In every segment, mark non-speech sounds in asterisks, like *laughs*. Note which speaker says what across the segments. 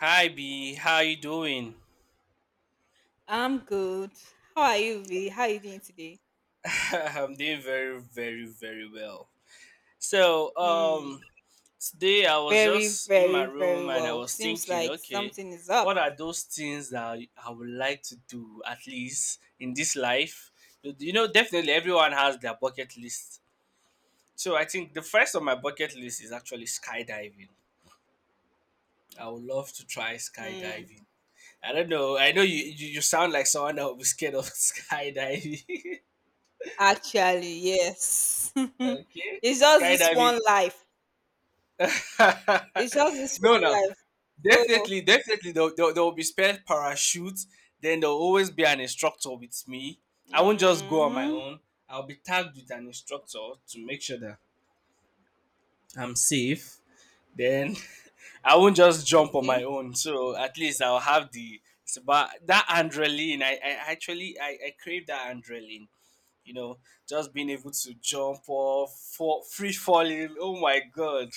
Speaker 1: Hi B, how you doing?
Speaker 2: I'm good. How are you, V? How are you doing today?
Speaker 1: *laughs* I'm doing very, very, very well. So,
Speaker 2: Hmm.
Speaker 1: um, Today I was just
Speaker 2: Very,
Speaker 1: in
Speaker 2: very,
Speaker 1: my room
Speaker 2: very
Speaker 1: and I
Speaker 2: well.
Speaker 1: was
Speaker 2: Seems
Speaker 1: thinking,
Speaker 2: like
Speaker 1: okay,
Speaker 2: something is up.
Speaker 1: what are those things that I would like to do at least in this life? You know, definitely everyone has their bucket list. So I think the first on my bucket list is actually skydiving. I would love to try
Speaker 2: Hmm.
Speaker 1: skydiving. I don't know. I know you sound like someone that would be scared of *laughs* skydiving.
Speaker 2: Actually, yes. *laughs*
Speaker 1: Okay,
Speaker 2: It's just this
Speaker 1: skydiving.
Speaker 2: one life. It's just
Speaker 1: *laughs*
Speaker 2: this
Speaker 1: No,
Speaker 2: one
Speaker 1: no,
Speaker 2: life. So,
Speaker 1: definitely, definitely. There will be spare parachutes. Then there will always be an instructor with me. I won't just go on my
Speaker 2: mm-hmm.
Speaker 1: own. I'll be tagged with an instructor to make sure that I'm safe. Then *laughs* I won't just jump on my
Speaker 2: Okay.
Speaker 1: own. So at least I'll have the it's about that adrenaline. I crave that adrenaline. You know, just being able to jump off, fall, free falling. Oh my god,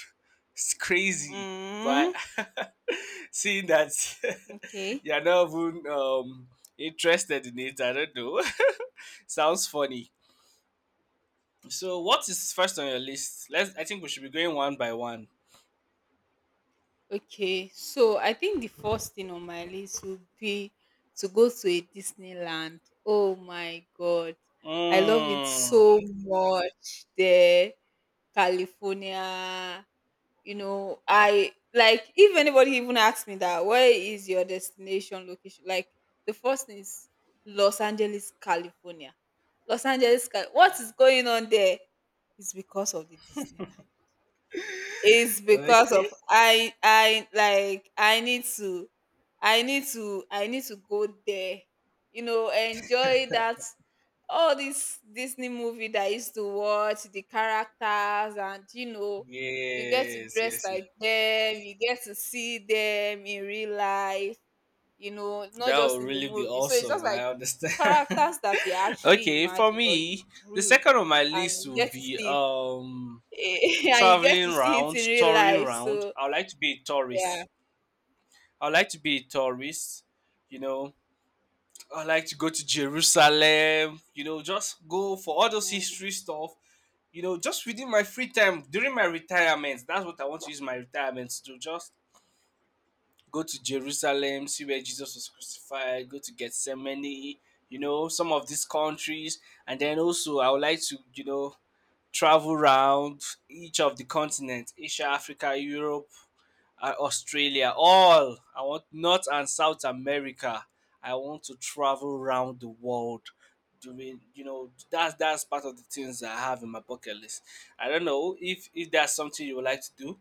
Speaker 1: it's crazy. But
Speaker 2: Mm-hmm.
Speaker 1: *laughs* seeing that *laughs*
Speaker 2: Okay.
Speaker 1: you're not even interested in it, I don't know. *laughs* Sounds funny. So, what is first on your list? Let's. I think we should be going one by one.
Speaker 2: Okay, so I think the first thing on my list would be to go to a Disneyland. Oh my God, I love it
Speaker 1: Mm,
Speaker 2: so much there, California. You know, I like if anybody even asks me that, where is your destination location? Like the first thing is Los Angeles, California. Los Angeles, Cal- what is going on there? It's because of the Disneyland. It's
Speaker 1: okay.
Speaker 2: because of
Speaker 1: Yes.
Speaker 2: I like I need to I need to go there. You know, enjoy that all this Disney movie that I used to watch, the characters and you get to
Speaker 1: Yes.
Speaker 2: dress
Speaker 1: Yes.
Speaker 2: like them, you get to see them in real life, not
Speaker 1: That would
Speaker 2: just in the
Speaker 1: really be
Speaker 2: movie. So it's just
Speaker 1: awesome. I
Speaker 2: like the
Speaker 1: understand.
Speaker 2: characters that you
Speaker 1: *laughs*
Speaker 2: actually
Speaker 1: Okay, for
Speaker 2: imagine or
Speaker 1: me,
Speaker 2: you
Speaker 1: the
Speaker 2: drew
Speaker 1: second on my
Speaker 2: and
Speaker 1: list
Speaker 2: you
Speaker 1: will
Speaker 2: get to
Speaker 1: be
Speaker 2: see it *laughs* and you get to
Speaker 1: traveling
Speaker 2: see it
Speaker 1: round,
Speaker 2: in real
Speaker 1: touring
Speaker 2: life.
Speaker 1: round.
Speaker 2: So
Speaker 1: I would like to be a
Speaker 2: yeah,
Speaker 1: tourist. I would like to be a tourist. You know, I would like to go to Jerusalem. You know, just go for all those
Speaker 2: mm,
Speaker 1: history stuff. You know, just within my free time during my retirement. That's what I want to use my retirement to do. Just go to Jerusalem, see where Jesus was crucified, go to Gethsemane, you know, some of these countries. And then also, I would like to, travel around each of the continents: Asia, Africa, Europe, Australia, all. I want North and South America. I want to travel around the world. Doing, you know, that's part of the things I have in my bucket list. I don't know if that's something you would like to do.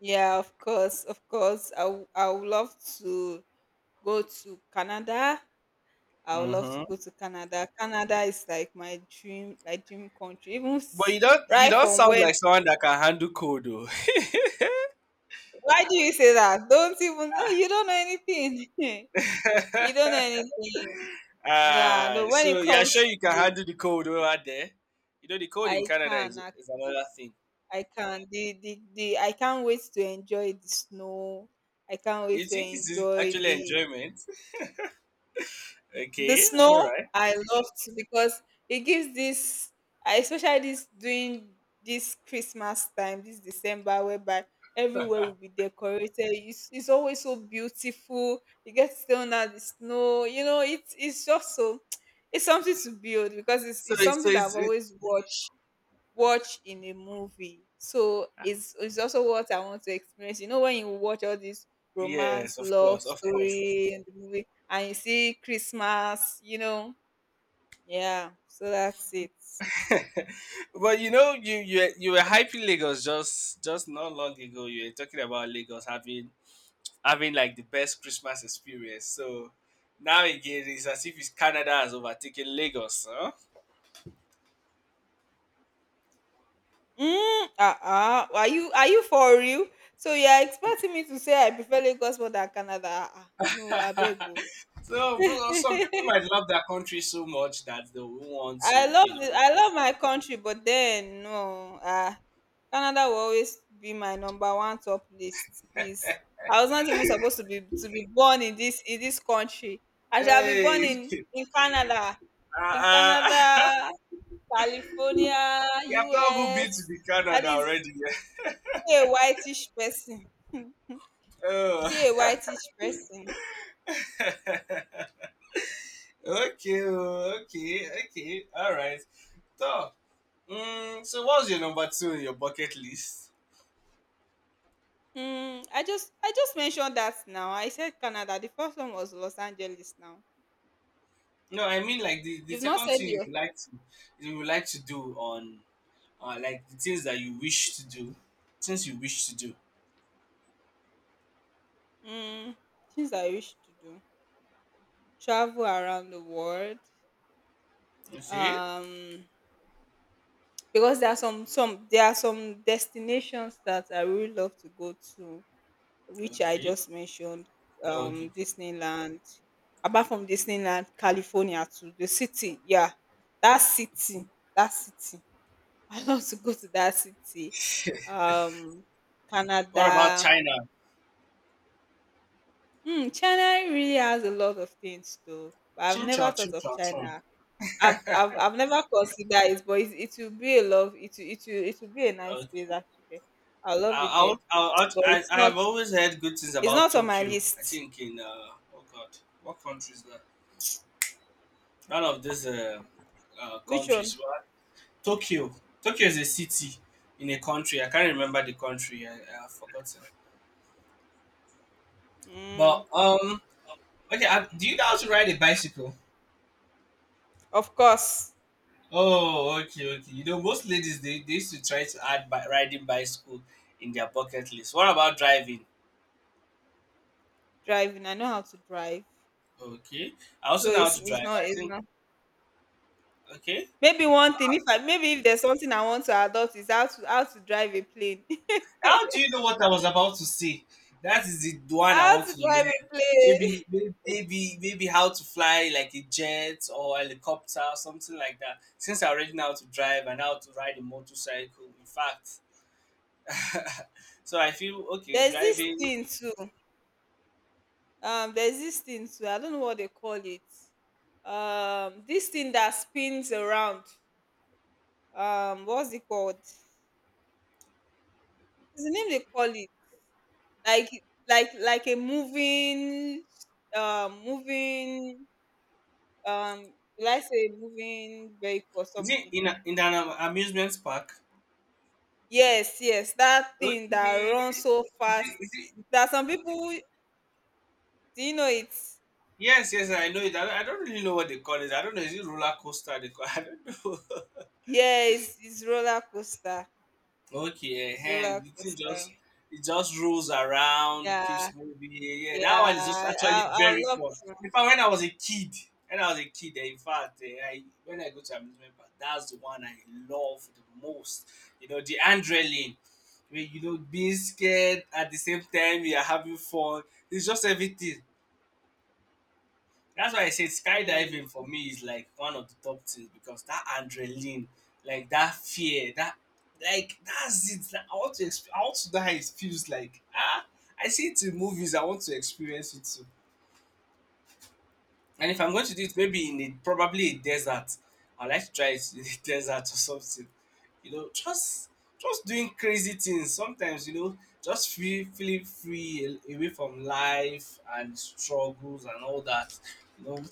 Speaker 2: yeah, of course, of course. I w- I would love to go to Canada. I would love to go
Speaker 1: Mm-hmm.
Speaker 2: to Canada. Canada is like my dream, like dream country. Even
Speaker 1: But
Speaker 2: s-
Speaker 1: you don't you
Speaker 2: right
Speaker 1: don't
Speaker 2: from
Speaker 1: sound
Speaker 2: when?
Speaker 1: like someone that can handle cold though. *laughs*
Speaker 2: Why do you say that? Don't even oh, you don't know anything. *laughs* You don't know anything. Yeah,
Speaker 1: Uh,
Speaker 2: no. When it
Speaker 1: so you're
Speaker 2: comes
Speaker 1: sure you can
Speaker 2: to,
Speaker 1: handle the cold over there? You know the cold
Speaker 2: I
Speaker 1: in Canada
Speaker 2: can
Speaker 1: is
Speaker 2: actually.
Speaker 1: another thing.
Speaker 2: I can the I can't wait to enjoy the snow. I can't wait
Speaker 1: You
Speaker 2: to
Speaker 1: think it's
Speaker 2: enjoy
Speaker 1: actually enjoyment? *laughs*
Speaker 2: the
Speaker 1: Okay, all
Speaker 2: snow.
Speaker 1: right.
Speaker 2: I love it because it gives this I- especially this during this Christmas time, this December, whereby everywhere will be decorated. It's always so beautiful. You get to stay under the snow. It's just so *tsk* it's something to build because it's
Speaker 1: So
Speaker 2: something that I've
Speaker 1: it's it,
Speaker 2: always watched watch in a movie. So it's also what I want to experience. You know, when you watch all these romance,
Speaker 1: yes, of
Speaker 2: love
Speaker 1: course, of course.
Speaker 2: story in the movie and you see Christmas, you know. Yeah, so that's it.
Speaker 1: *laughs* But you know you were hyping Lagos just not long ago. You were talking about Lagos having like the best Christmas experience. So now again, it's as if it's Canada has overtaken Lagos, huh?
Speaker 2: Mm, uh-uh. Are you for real? So you are expecting me to say I prefer Lagos more than Canada? Uh-uh. No, I beg.
Speaker 1: So, bro, some people might love their country so much that they will want
Speaker 2: I
Speaker 1: to,
Speaker 2: love the I love my country, but then no, Canada will always be my number one top list, please. I was not even supposed to be born in this country. I shall be
Speaker 1: hey,
Speaker 2: born in
Speaker 1: *laughs*
Speaker 2: in Canada, in
Speaker 1: uh,
Speaker 2: Canada,
Speaker 1: uh, *laughs*
Speaker 2: California,
Speaker 1: you have not even been
Speaker 2: US.
Speaker 1: to the
Speaker 2: At
Speaker 1: Canada
Speaker 2: least
Speaker 1: already. *laughs*
Speaker 2: be a whitish person. Be a
Speaker 1: Oh,
Speaker 2: whitish person.
Speaker 1: *laughs* okay, oh, okay, okay, all right. So, so what's your number two in your bucket list?
Speaker 2: Hmm. I just mentioned that now. I said Canada. The first one was Los Angeles. Now
Speaker 1: No, I mean like the
Speaker 2: you've not
Speaker 1: second
Speaker 2: said
Speaker 1: thing you
Speaker 2: your
Speaker 1: would like to you would like to do on like the things that you wish to do, things you wish to do.
Speaker 2: Mm, things I wish to do: travel around the world.
Speaker 1: Okay,
Speaker 2: Um, because there are some there are some destinations that I really love to go to, which I
Speaker 1: okay,
Speaker 2: just mentioned.
Speaker 1: okay.
Speaker 2: Disneyland. Apart from Disneyland, California too. The city, yeah, that city, that city. *laughs* I love to go to that city. Um,
Speaker 1: What about
Speaker 2: Canada.
Speaker 1: China?
Speaker 2: Hmm, China really has a lot of things too, but I've never thought
Speaker 1: Ching
Speaker 2: of
Speaker 1: chow, chong.
Speaker 2: China I've never considered it, but it will be a love. It will be a nice
Speaker 1: Okay.
Speaker 2: place actually. I love it
Speaker 1: I, I,
Speaker 2: there,
Speaker 1: would- I, would-
Speaker 2: but
Speaker 1: I, I have always heard good things
Speaker 2: it's
Speaker 1: about
Speaker 2: not on my
Speaker 1: Tokyo. I
Speaker 2: list.
Speaker 1: think oh God, what country is that? None of these
Speaker 2: Which one?
Speaker 1: countries. Well, Tokyo. Tokyo is a city in a country. I can't remember the country. I've forgotten.
Speaker 2: Mm,
Speaker 1: But, um, okay, I, do you know how to ride a bicycle?
Speaker 2: of course,
Speaker 1: Oh, okay, okay. You know, most ladies, they used to try to add riding bicycle in their bucket list. What about driving?
Speaker 2: driving. I know how to drive,
Speaker 1: Okay. I
Speaker 2: so
Speaker 1: also know how to drive. I
Speaker 2: it's
Speaker 1: think
Speaker 2: not.
Speaker 1: okay.
Speaker 2: Maybe one thing. If I maybe if there's something I want to adopt is how to drive a plane. *laughs*
Speaker 1: How do you know what I was about to say? That is the one I
Speaker 2: How
Speaker 1: want
Speaker 2: to
Speaker 1: to learn.
Speaker 2: drive a plane.
Speaker 1: Maybe how to fly like a jet or helicopter or something like that. Since I already know how to drive and how to ride a motorcycle, in fact. *laughs* So I feel
Speaker 2: *laughs*
Speaker 1: okay
Speaker 2: There's this
Speaker 1: driving.
Speaker 2: thing too. Um, there's this thing too, I don't know what they call it. Um, this thing that spins around. Um, what's it called? There's the name they call it, like like a moving, um, moving, um, will I say moving vehicle or
Speaker 1: Is it
Speaker 2: something?
Speaker 1: in, a, in an amusement park?
Speaker 2: Yes, yes, that thing that
Speaker 1: Okay.
Speaker 2: runs so fast,
Speaker 1: Is it,
Speaker 2: that some people, do you know it?
Speaker 1: yes, yes, I know it. I don't really know what they call it. I don't know. Is it roller coaster? They call, *laughs* I don't know.
Speaker 2: Yeah, it's roller coaster.
Speaker 1: Okay,
Speaker 2: It's roller
Speaker 1: and the thing
Speaker 2: coaster.
Speaker 1: just it just rolls around,
Speaker 2: Yeah,
Speaker 1: keeps moving. Yeah, that
Speaker 2: yeah,
Speaker 1: one is just actually
Speaker 2: I would
Speaker 1: very
Speaker 2: love
Speaker 1: fun. In fact, when I was a kid, When I was a kid, eh, in fact, eh, I when I go to amusement park, that's the one I love the most. You know, the adrenaline, where you know being scared at the same time you are having fun. It's just everything. That's why I say
Speaker 2: mm,
Speaker 1: skydiving for me is like one of the top things because that adrenaline, like that fear, that like that's it. Like, I want to I want to know how it feels like. Ah, I see it in movies. I want to experience it too. And if I'm
Speaker 2: mm,
Speaker 1: going to do it, maybe probably a desert, I like to try it in a *laughs* desert or something. You know, just doing crazy things sometimes. You know, just feel feeling free away from life and struggles and all that. You know,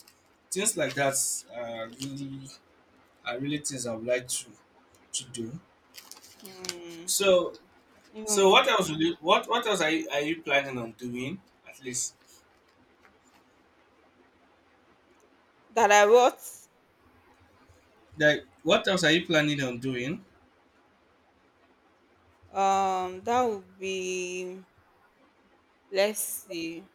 Speaker 1: things like that are really are really things I would like to do.
Speaker 2: mm.
Speaker 1: So
Speaker 2: Even
Speaker 1: so
Speaker 2: with
Speaker 1: what else will
Speaker 2: me.
Speaker 1: you what else are you planning on doing at least?
Speaker 2: That I wrote,
Speaker 1: Like what else are you planning on doing?
Speaker 2: that would be, let's see.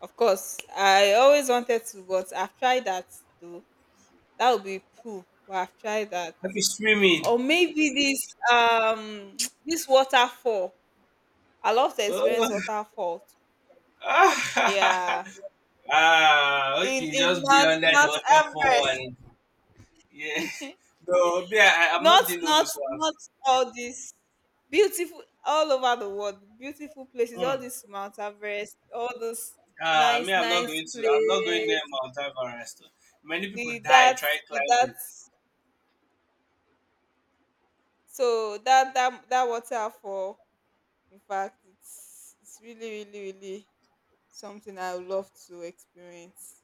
Speaker 2: Of course, I always wanted to, but I've tried that too. That would be poo, but I've tried that.
Speaker 1: Okay, swimming.
Speaker 2: Or maybe this, um, *tsk* this waterfall. I love to experience
Speaker 1: Oh.
Speaker 2: waterfall.
Speaker 1: *laughs* Ah,
Speaker 2: Yeah.
Speaker 1: okay,
Speaker 2: In
Speaker 1: just be
Speaker 2: Mount
Speaker 1: under the
Speaker 2: Mount
Speaker 1: waterfall
Speaker 2: Everest.
Speaker 1: and yeah. *laughs* No, me, I'm
Speaker 2: Not
Speaker 1: not doing all
Speaker 2: not
Speaker 1: those ones.
Speaker 2: not all these beautiful all over the world, beautiful places, all
Speaker 1: Mm.
Speaker 2: this Mount Everest, all those
Speaker 1: Ah, me,
Speaker 2: nice,
Speaker 1: I'm not
Speaker 2: nice
Speaker 1: going to. I'm not going near
Speaker 2: place
Speaker 1: Mount Everest. Many people
Speaker 2: with
Speaker 1: die
Speaker 2: that
Speaker 1: trying
Speaker 2: with that
Speaker 1: climbing.
Speaker 2: so that that waterfall, in fact, it's really, really, really something I would love to experience.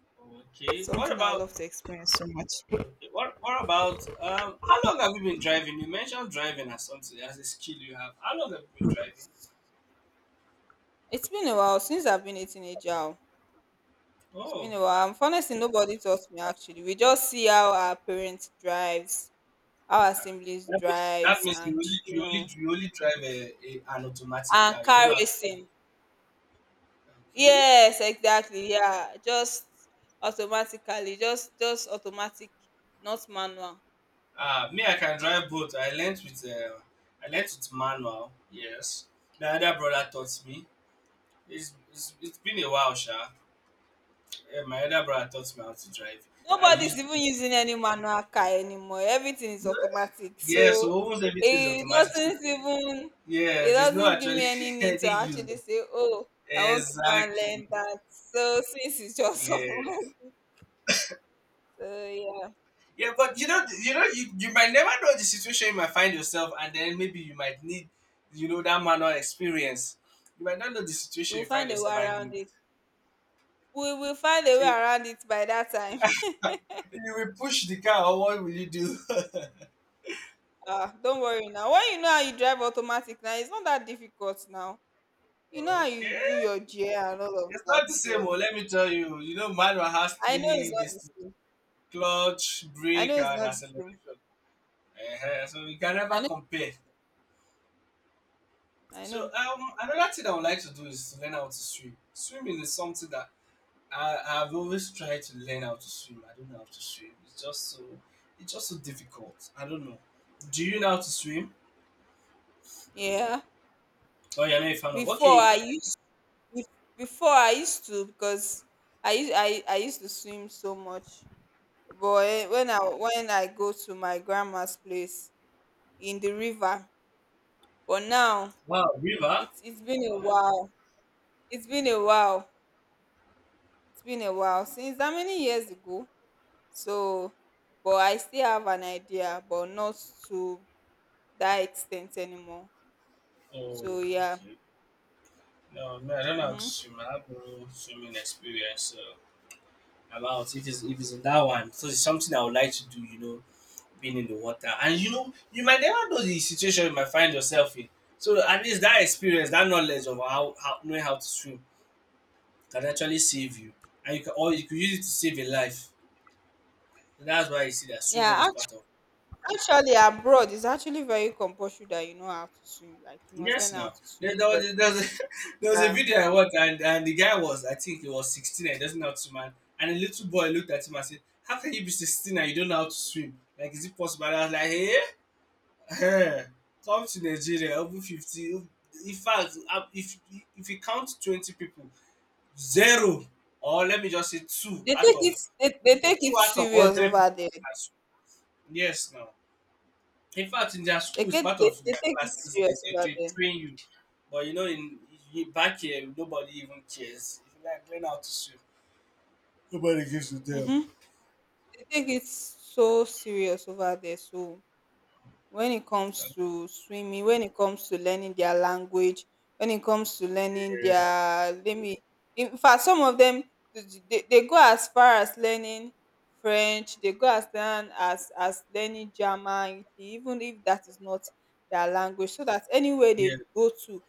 Speaker 1: Okay, what
Speaker 2: Something I would
Speaker 1: about?
Speaker 2: love to experience so much.
Speaker 1: Okay, what about? How long have you been driving? You mentioned driving as something as a skill you have. How long have you been driving?
Speaker 2: It's been a while since I've been a teenager. Oh. It's been
Speaker 1: Oh,
Speaker 2: a while.
Speaker 1: ah.
Speaker 2: And honestly, nobody taught me actually. We just see how our parents drive, our assemblies
Speaker 1: That means, that
Speaker 2: drives
Speaker 1: means you
Speaker 2: and
Speaker 1: only
Speaker 2: you
Speaker 1: you only
Speaker 2: know
Speaker 1: you only drive a, an automatic
Speaker 2: and
Speaker 1: car. You
Speaker 2: car
Speaker 1: don't have to drive.
Speaker 2: racing.
Speaker 1: Okay.
Speaker 2: Yes, exactly. Yeah, just automatically, just automatic, not manual.
Speaker 1: Me, I can drive both. I learnt with manual. Yes, my other brother taught me. It's been a while, sha. Yeah, my other brother taught me how to drive. I
Speaker 2: Nobody's
Speaker 1: used
Speaker 2: even using any manual car anymore. Everything is automatic.
Speaker 1: yeah,
Speaker 2: So
Speaker 1: so almost everything is
Speaker 2: it
Speaker 1: automatic. So,
Speaker 2: doesn't even it
Speaker 1: yes, there's no
Speaker 2: doesn't give me
Speaker 1: actually
Speaker 2: any
Speaker 1: *laughs*
Speaker 2: need to
Speaker 1: any use.
Speaker 2: actually say, oh, I want to go and
Speaker 1: Exactly.
Speaker 2: learn that. So since it's just *laughs*
Speaker 1: Yeah.
Speaker 2: automatic, so yeah,
Speaker 1: Yeah, but you know, you know, you might never know the situation you might find yourself, and then maybe you might need, you know, that manual experience. You might not know the situation
Speaker 2: we'll
Speaker 1: you find
Speaker 2: find a
Speaker 1: yourself,
Speaker 2: way
Speaker 1: and you
Speaker 2: around
Speaker 1: might.
Speaker 2: it. We will find a way
Speaker 1: So
Speaker 2: around it by that time.
Speaker 1: when you will push the car what will you do? *laughs* Okay.
Speaker 2: Ah, don't worry now. When you know how you drive automatic now, it's not that difficult now. You know how you do your gear and all of
Speaker 1: It's not
Speaker 2: that.
Speaker 1: the same, oh,
Speaker 2: So
Speaker 1: let me tell you. You know, manual has
Speaker 2: I know it's
Speaker 1: three
Speaker 2: not
Speaker 1: this
Speaker 2: the same.
Speaker 1: clutch,
Speaker 2: I
Speaker 1: brake,
Speaker 2: know it's
Speaker 1: and
Speaker 2: not the same.
Speaker 1: acceleration. Eh, so you can
Speaker 2: I
Speaker 1: never
Speaker 2: know.
Speaker 1: compare.
Speaker 2: It's not the same. I
Speaker 1: So
Speaker 2: know.
Speaker 1: another thing I would like to do is to learn how to swim. Swimming is something that I've always tried to learn how to swim. I don't know how to swim. It's just so difficult. I don't know. Do you know how to swim?
Speaker 2: Yeah.
Speaker 1: Oh, you're not a fan of.
Speaker 2: Before
Speaker 1: Okay,
Speaker 2: I
Speaker 1: okay.
Speaker 2: used be- before I used to because I used to swim so much. But eh, when I go to my grandma's place in the river, but now
Speaker 1: Wow, river.
Speaker 2: it's been a
Speaker 1: Wow.
Speaker 2: while. It's been a while. It's been a while since how many years ago. So, but I still have an idea, but not to that extent anymore.
Speaker 1: Oh,
Speaker 2: So yeah,
Speaker 1: okay. No, man, I don't know how to
Speaker 2: mm-hmm.
Speaker 1: swim. I have no swimming experience. So about if it's in that one, so it's something I would like to do. You know, being in the water, and you know, you might never know the situation you might find yourself in. So at least that experience, that knowledge of how knowing how to swim can actually save you, and you can or you could use it to save a life. So that's why you see that swimming
Speaker 2: Yeah.
Speaker 1: is
Speaker 2: Act-
Speaker 1: part of
Speaker 2: Actually, abroad is actually very compulsory that you know how to swim. Like you must learn
Speaker 1: yes,
Speaker 2: how
Speaker 1: no.
Speaker 2: to
Speaker 1: There,
Speaker 2: swim
Speaker 1: there,
Speaker 2: because
Speaker 1: was, there, was a, *laughs* there was a
Speaker 2: yeah,
Speaker 1: video I watched, and the guy was, I think he was 16 and he doesn't know how to swim. And a little boy looked at him and said, how can you be 16 and you don't know how to swim? Like, is it possible? And I was like, hey, hey come to Nigeria, over 50. In fact, if you count 20 people, zero, or let me just say
Speaker 2: they take
Speaker 1: two
Speaker 2: it
Speaker 1: out of
Speaker 2: serious
Speaker 1: 100
Speaker 2: over there.
Speaker 1: Yes, no. In fact, in their schools, part of
Speaker 2: They
Speaker 1: their
Speaker 2: take it
Speaker 1: classes,
Speaker 2: serious
Speaker 1: they
Speaker 2: over there.
Speaker 1: train you. But you know, in back here, nobody even cares. If you like, learn how to swim. To them.
Speaker 2: Mm-hmm. They take it so serious over there. So when it comes to swimming, when it comes to learning their language, when it comes to learning their, let me, in fact some of them, they go as far as learning French, they go as far as learning German, even if that is not their language, so that anywhere
Speaker 1: Yeah,
Speaker 2: they go to,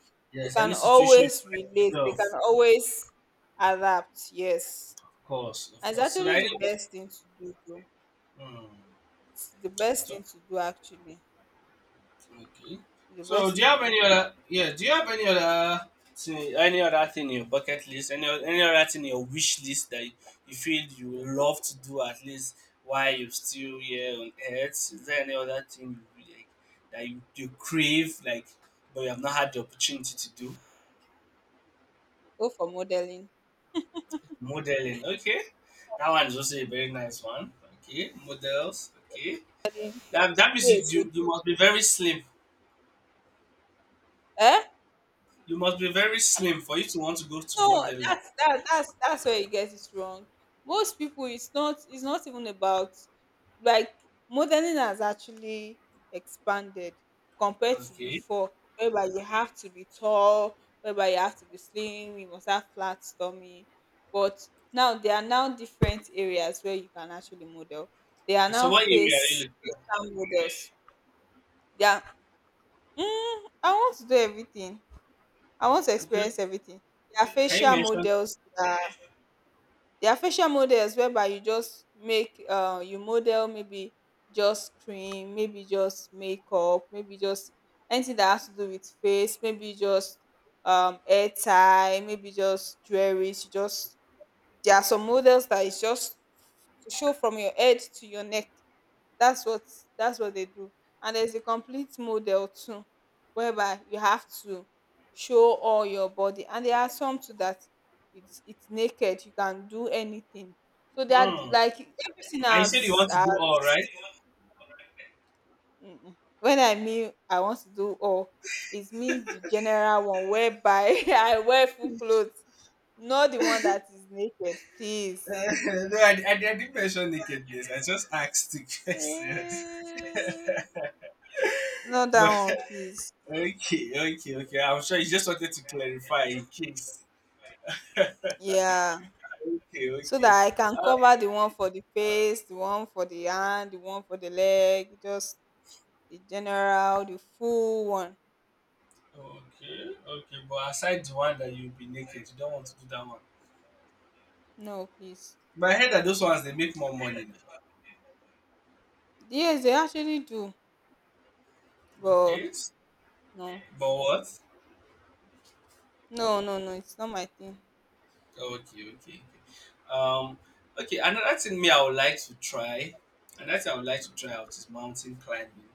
Speaker 2: they
Speaker 1: yes,
Speaker 2: can
Speaker 1: any situation you
Speaker 2: always
Speaker 1: find
Speaker 2: relate, they can
Speaker 1: yourself,
Speaker 2: always adapt, yes.
Speaker 1: of course,
Speaker 2: And
Speaker 1: of
Speaker 2: it's
Speaker 1: course. So that
Speaker 2: actually the
Speaker 1: anybody,
Speaker 2: best thing to do though.
Speaker 1: mm,
Speaker 2: It's the best
Speaker 1: so
Speaker 2: thing to do actually.
Speaker 1: okay.
Speaker 2: It's the
Speaker 1: So,
Speaker 2: best
Speaker 1: do you
Speaker 2: thing
Speaker 1: have
Speaker 2: to
Speaker 1: any
Speaker 2: do.
Speaker 1: other? Yeah. Do you have any other? Thing, any other thing in your bucket list? Any other thing in your wish list that you feel you would love to do at least while you're still here on Earth? Is there any other thing you would like that you crave like, but you have not had the opportunity to do?
Speaker 2: Go for modeling.
Speaker 1: Modeling. Okay. That one is also a very nice one. Okay. Models. Okay. That means
Speaker 2: Yes. would-
Speaker 1: you must be very slim.
Speaker 2: Eh?
Speaker 1: You must be very slim for you to want to go to
Speaker 2: No,
Speaker 1: modeling.
Speaker 2: that's where you get it wrong. Most people, it's not even about like modeling has actually expanded compared to
Speaker 1: Okay.
Speaker 2: before, whereby you have to be tall, whereby you have to be slim, you must have flat stomach. But now there are now different areas where you can actually model. There are
Speaker 1: Okay, so
Speaker 2: now
Speaker 1: what area are
Speaker 2: face
Speaker 1: you
Speaker 2: facial models. Yeah, I want to do everything. I want to
Speaker 1: looking? Okay.
Speaker 2: experience everything. Their
Speaker 1: Can you
Speaker 2: facial
Speaker 1: mention?
Speaker 2: models, their facial models whereby you just make, uh, you model maybe just cream, maybe just makeup, maybe just anything that has to do with face, maybe just um, hair tie, maybe just jewelry, just there are some models that is just to show from your head to your neck. that's what that's what they do, and there's a complete model too whereby you have to show all your body, and there are some too that it's naked, you can do anything, so that
Speaker 1: Hmm.
Speaker 2: like everything
Speaker 1: I said you
Speaker 2: else.
Speaker 1: want to
Speaker 2: Uh,
Speaker 1: do all right.
Speaker 2: mm-mm. When I mean I want to do all, it's me the general one whereby *laughs* I wear full clothes, not the one that is naked, please.
Speaker 1: *laughs* No,
Speaker 2: *laughs*
Speaker 1: I didn't mention nakedness. I just asked the question. *laughs*
Speaker 2: Mm. Not that
Speaker 1: But
Speaker 2: one, please.
Speaker 1: okay, okay, okay. I'm sure you just wanted to clarify in case. *laughs* Okay,
Speaker 2: Yeah, so
Speaker 1: okay.
Speaker 2: that I can cover the one for the face, the one for the hand, the one for the leg, just the general, the full one.
Speaker 1: Okay, okay. But aside the one that you'll be naked, you don't want to do that one.
Speaker 2: No, please.
Speaker 1: But I heard that those ones they make more money
Speaker 2: Yes, they actually do,
Speaker 1: now.
Speaker 2: but
Speaker 1: Okay.
Speaker 2: no,
Speaker 1: But what?
Speaker 2: no, it's not my thing.
Speaker 1: Okay, okay, okay. Um, okay. Another thing I would like to try out is mountain climbing.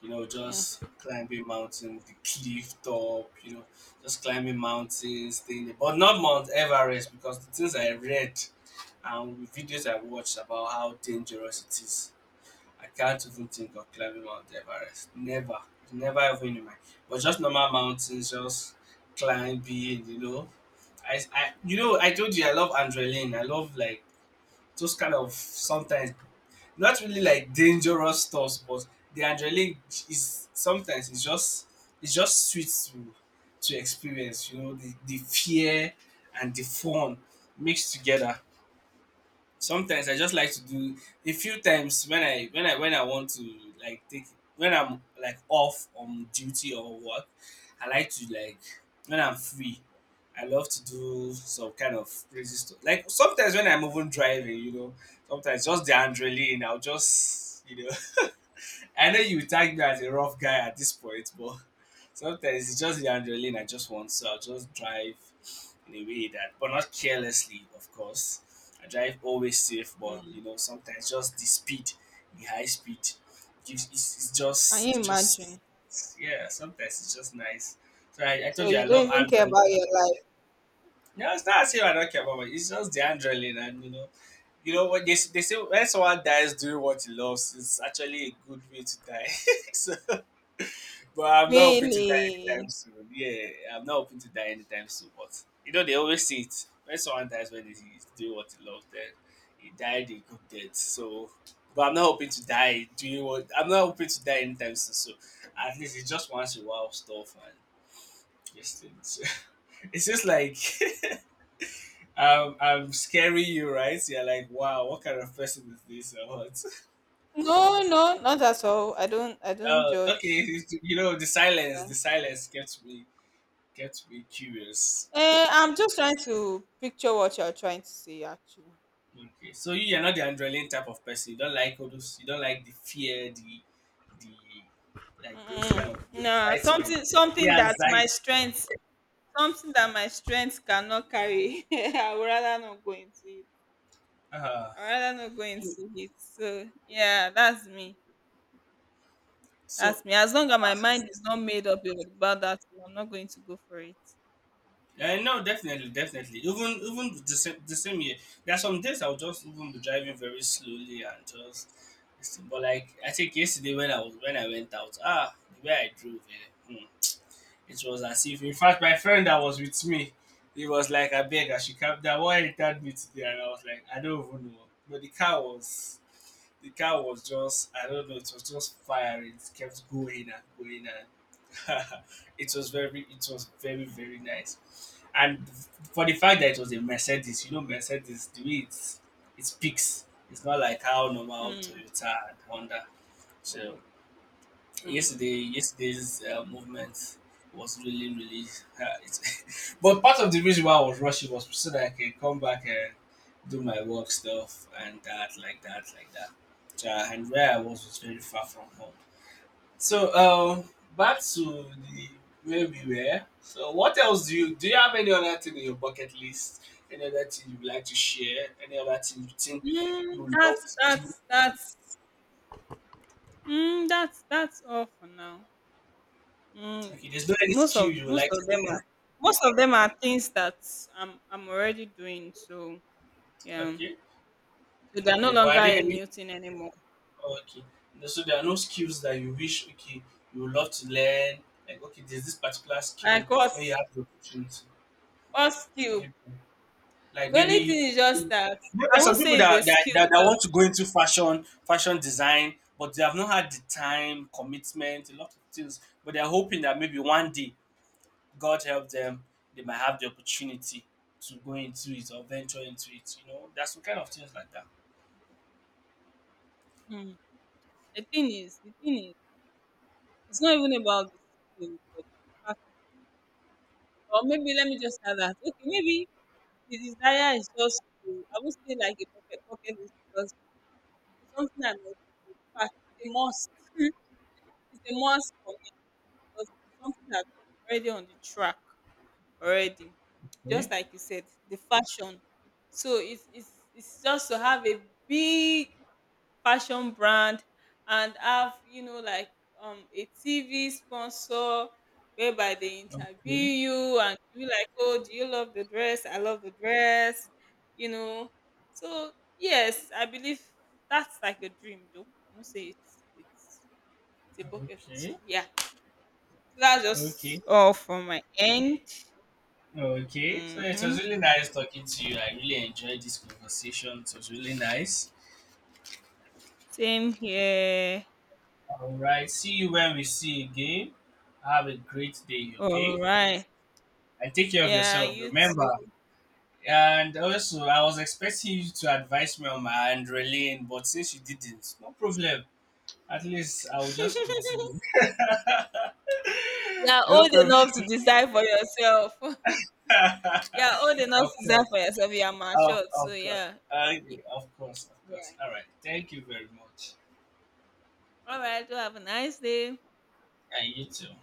Speaker 1: You know,
Speaker 2: Mm,
Speaker 1: just climbing mountain, the cliff top. You know, just climbing mountains, thing. But not Mount Everest because the things I read and videos I watched about how dangerous it is. I can't even think of climbing Mount Everest. Never, never even in my. But just normal mountains, just climbing. You know, I you know I told you I love adrenaline. I love like those kind of sometimes not really like dangerous stuff, but the adrenaline is sometimes it's just sweet to experience. You know the fear and the fun mixed together, sometimes I just like to do a few times when I want to like take when I'm like off on duty or work. I like to like when I'm free, I love to do some kind of crazy stuff, like sometimes when I'm even driving, you know, sometimes just the adrenaline I'll just, you know, I know you tag me as a rough guy at this point, but sometimes it's just the adrenaline I just want. So I'll just drive in a way that, but not carelessly, of course. I drive always safe, but
Speaker 2: mm.
Speaker 1: you know sometimes just the speed, the high speed, gives
Speaker 2: Can
Speaker 1: it's
Speaker 2: you imagine?
Speaker 1: just yeah. Sometimes it's just nice. So I
Speaker 2: So
Speaker 1: told you
Speaker 2: you
Speaker 1: I
Speaker 2: don't
Speaker 1: love
Speaker 2: even care
Speaker 1: adrenaline.
Speaker 2: about your life,
Speaker 1: No, it's not as if I don't care about it. It's just the adrenaline, and you know what they say, when someone dies doing what he loves, it's actually a good way to die. *laughs* So but I'm not hoping to die anytime
Speaker 2: really?
Speaker 1: soon. Yeah, I'm not hoping to die anytime soon. But you know, they always say it, when someone dies when he's doing what he loves, then he died a good death. So, but I'm not hoping to die doing what I'm not hoping to die anytime soon. So, at least it's just once in a while stuff and just things. *laughs* It's just like I'm scaring you, right? You're like, wow, what kind of person is this or what? *laughs*
Speaker 2: No, no, not at all. I don't judge.
Speaker 1: Okay, you know, the silence kept me curious.
Speaker 2: Eh, I'm just trying to picture what you're trying to say, actually.
Speaker 1: Okay, so you are not the adrenaline type of person. You don't like all those. You don't like the fear, the like those
Speaker 2: Mm.
Speaker 1: kind of the
Speaker 2: No,
Speaker 1: excitement, the
Speaker 2: something that my
Speaker 1: anxiety.
Speaker 2: strength cannot carry. *laughs* I would rather not go into it.
Speaker 1: Uh,
Speaker 2: I'd rather not go into it. So yeah, that's me.
Speaker 1: so
Speaker 2: That's me. As long as my mind is not made up about that, I'm not going to go for it.
Speaker 1: no, definitely, definitely. Even even the same year. There are some days I'll just even be driving very slowly and just. But like I think yesterday when I was when I went out, ah, the way I drove, eh, hmm. It was as if, in fact, my friend that was with me, he was like, I beg, I should come down. Why entered me today? And I was like, I don't even know. But the car was just, I don't know, it was just firing. It kept going and going and *laughs* it was very, very nice. And for the fact that it was a Mercedes, you know, Mercedes, the way it speaks, it's not like how normal
Speaker 2: Mm,
Speaker 1: Toyota and Honda. So
Speaker 2: mm.
Speaker 1: yesterday's movement was really really it's *laughs* but part of the reason why I was rushing was so that I can come back and do my work stuff and that. So, and where I was very far from home. So back to the where we were. So what else do you, do you have any other thing in your bucket list, any other thing you'd like to share, any other thing you think
Speaker 2: Mm,
Speaker 1: you would love to do?
Speaker 2: that's mm, that's all for now. Mm,
Speaker 1: Okay, there's no any skill you would
Speaker 2: most
Speaker 1: like
Speaker 2: of
Speaker 1: to
Speaker 2: them are
Speaker 1: learn?
Speaker 2: most of them are things that I'm already doing. So yeah.
Speaker 1: Okay,
Speaker 2: So they are no
Speaker 1: okay, but
Speaker 2: longer
Speaker 1: are there
Speaker 2: a
Speaker 1: any.
Speaker 2: new thing anymore.
Speaker 1: Okay. So there are no skills that you wish, okay, you would love to learn. Like okay, there's this particular
Speaker 2: Like
Speaker 1: skill where
Speaker 2: us,
Speaker 1: you have the opportunity.
Speaker 2: us skill.
Speaker 1: Maybe like
Speaker 2: The only
Speaker 1: maybe
Speaker 2: thing is just that
Speaker 1: maybe
Speaker 2: I
Speaker 1: there's
Speaker 2: won't
Speaker 1: some people
Speaker 2: say it's a skill
Speaker 1: that want to
Speaker 2: because
Speaker 1: go into fashion, fashion design, but they have not had the time, commitment, a lot of things. But they're hoping that maybe one day, God help them, they might have the opportunity to go into it or venture into it. You know, there's some kind of things like that.
Speaker 2: hmm, the thing is, it's not even about the skill. But the fact- or maybe let me just add that. Okay, maybe the desire is just to, I won't say like a pocket is because it's something that must be- in fact it's a must. *laughs* It's a must for me because it's something that's already on the track. Already. Just
Speaker 1: Okay.
Speaker 2: like you said, the fashion. So it's it's just to have a big fashion brand and have, you know, like a TV sponsor whereby they interview
Speaker 1: Okay.
Speaker 2: you and you like, oh, do you love the dress? I love the dress, you know. So yes, I believe that's like a dream though. I must say it's a bucket list. So
Speaker 1: Okay.
Speaker 2: yeah. So that's just
Speaker 1: Okay.
Speaker 2: all from my end.
Speaker 1: Okay, so yeah, it
Speaker 2: Hmm.
Speaker 1: was really nice talking to you. I really enjoyed this conversation. It was really nice.
Speaker 2: Same here.
Speaker 1: All right, see you when we see again. Have a great day,
Speaker 2: All
Speaker 1: okay?
Speaker 2: right.
Speaker 1: And take care of
Speaker 2: Yeah,
Speaker 1: yourself,
Speaker 2: you
Speaker 1: remember.
Speaker 2: too.
Speaker 1: And also, I was expecting you to advise me on my Andrelane, but since you didn't, no problem. At least I'll just continue.
Speaker 2: *laughs* You're
Speaker 1: *laughs* No
Speaker 2: old
Speaker 1: problem.
Speaker 2: enough to decide for yourself. *laughs* You're old
Speaker 1: *laughs*
Speaker 2: enough
Speaker 1: Of
Speaker 2: to decide
Speaker 1: course.
Speaker 2: for yourself. You're matured. So,
Speaker 1: Of course.
Speaker 2: yeah.
Speaker 1: Okay,
Speaker 2: Y-
Speaker 1: of course, of course.
Speaker 2: Yeah.
Speaker 1: All right. Thank you very much.
Speaker 2: All right. Do have a nice day.
Speaker 1: Yeah, you too.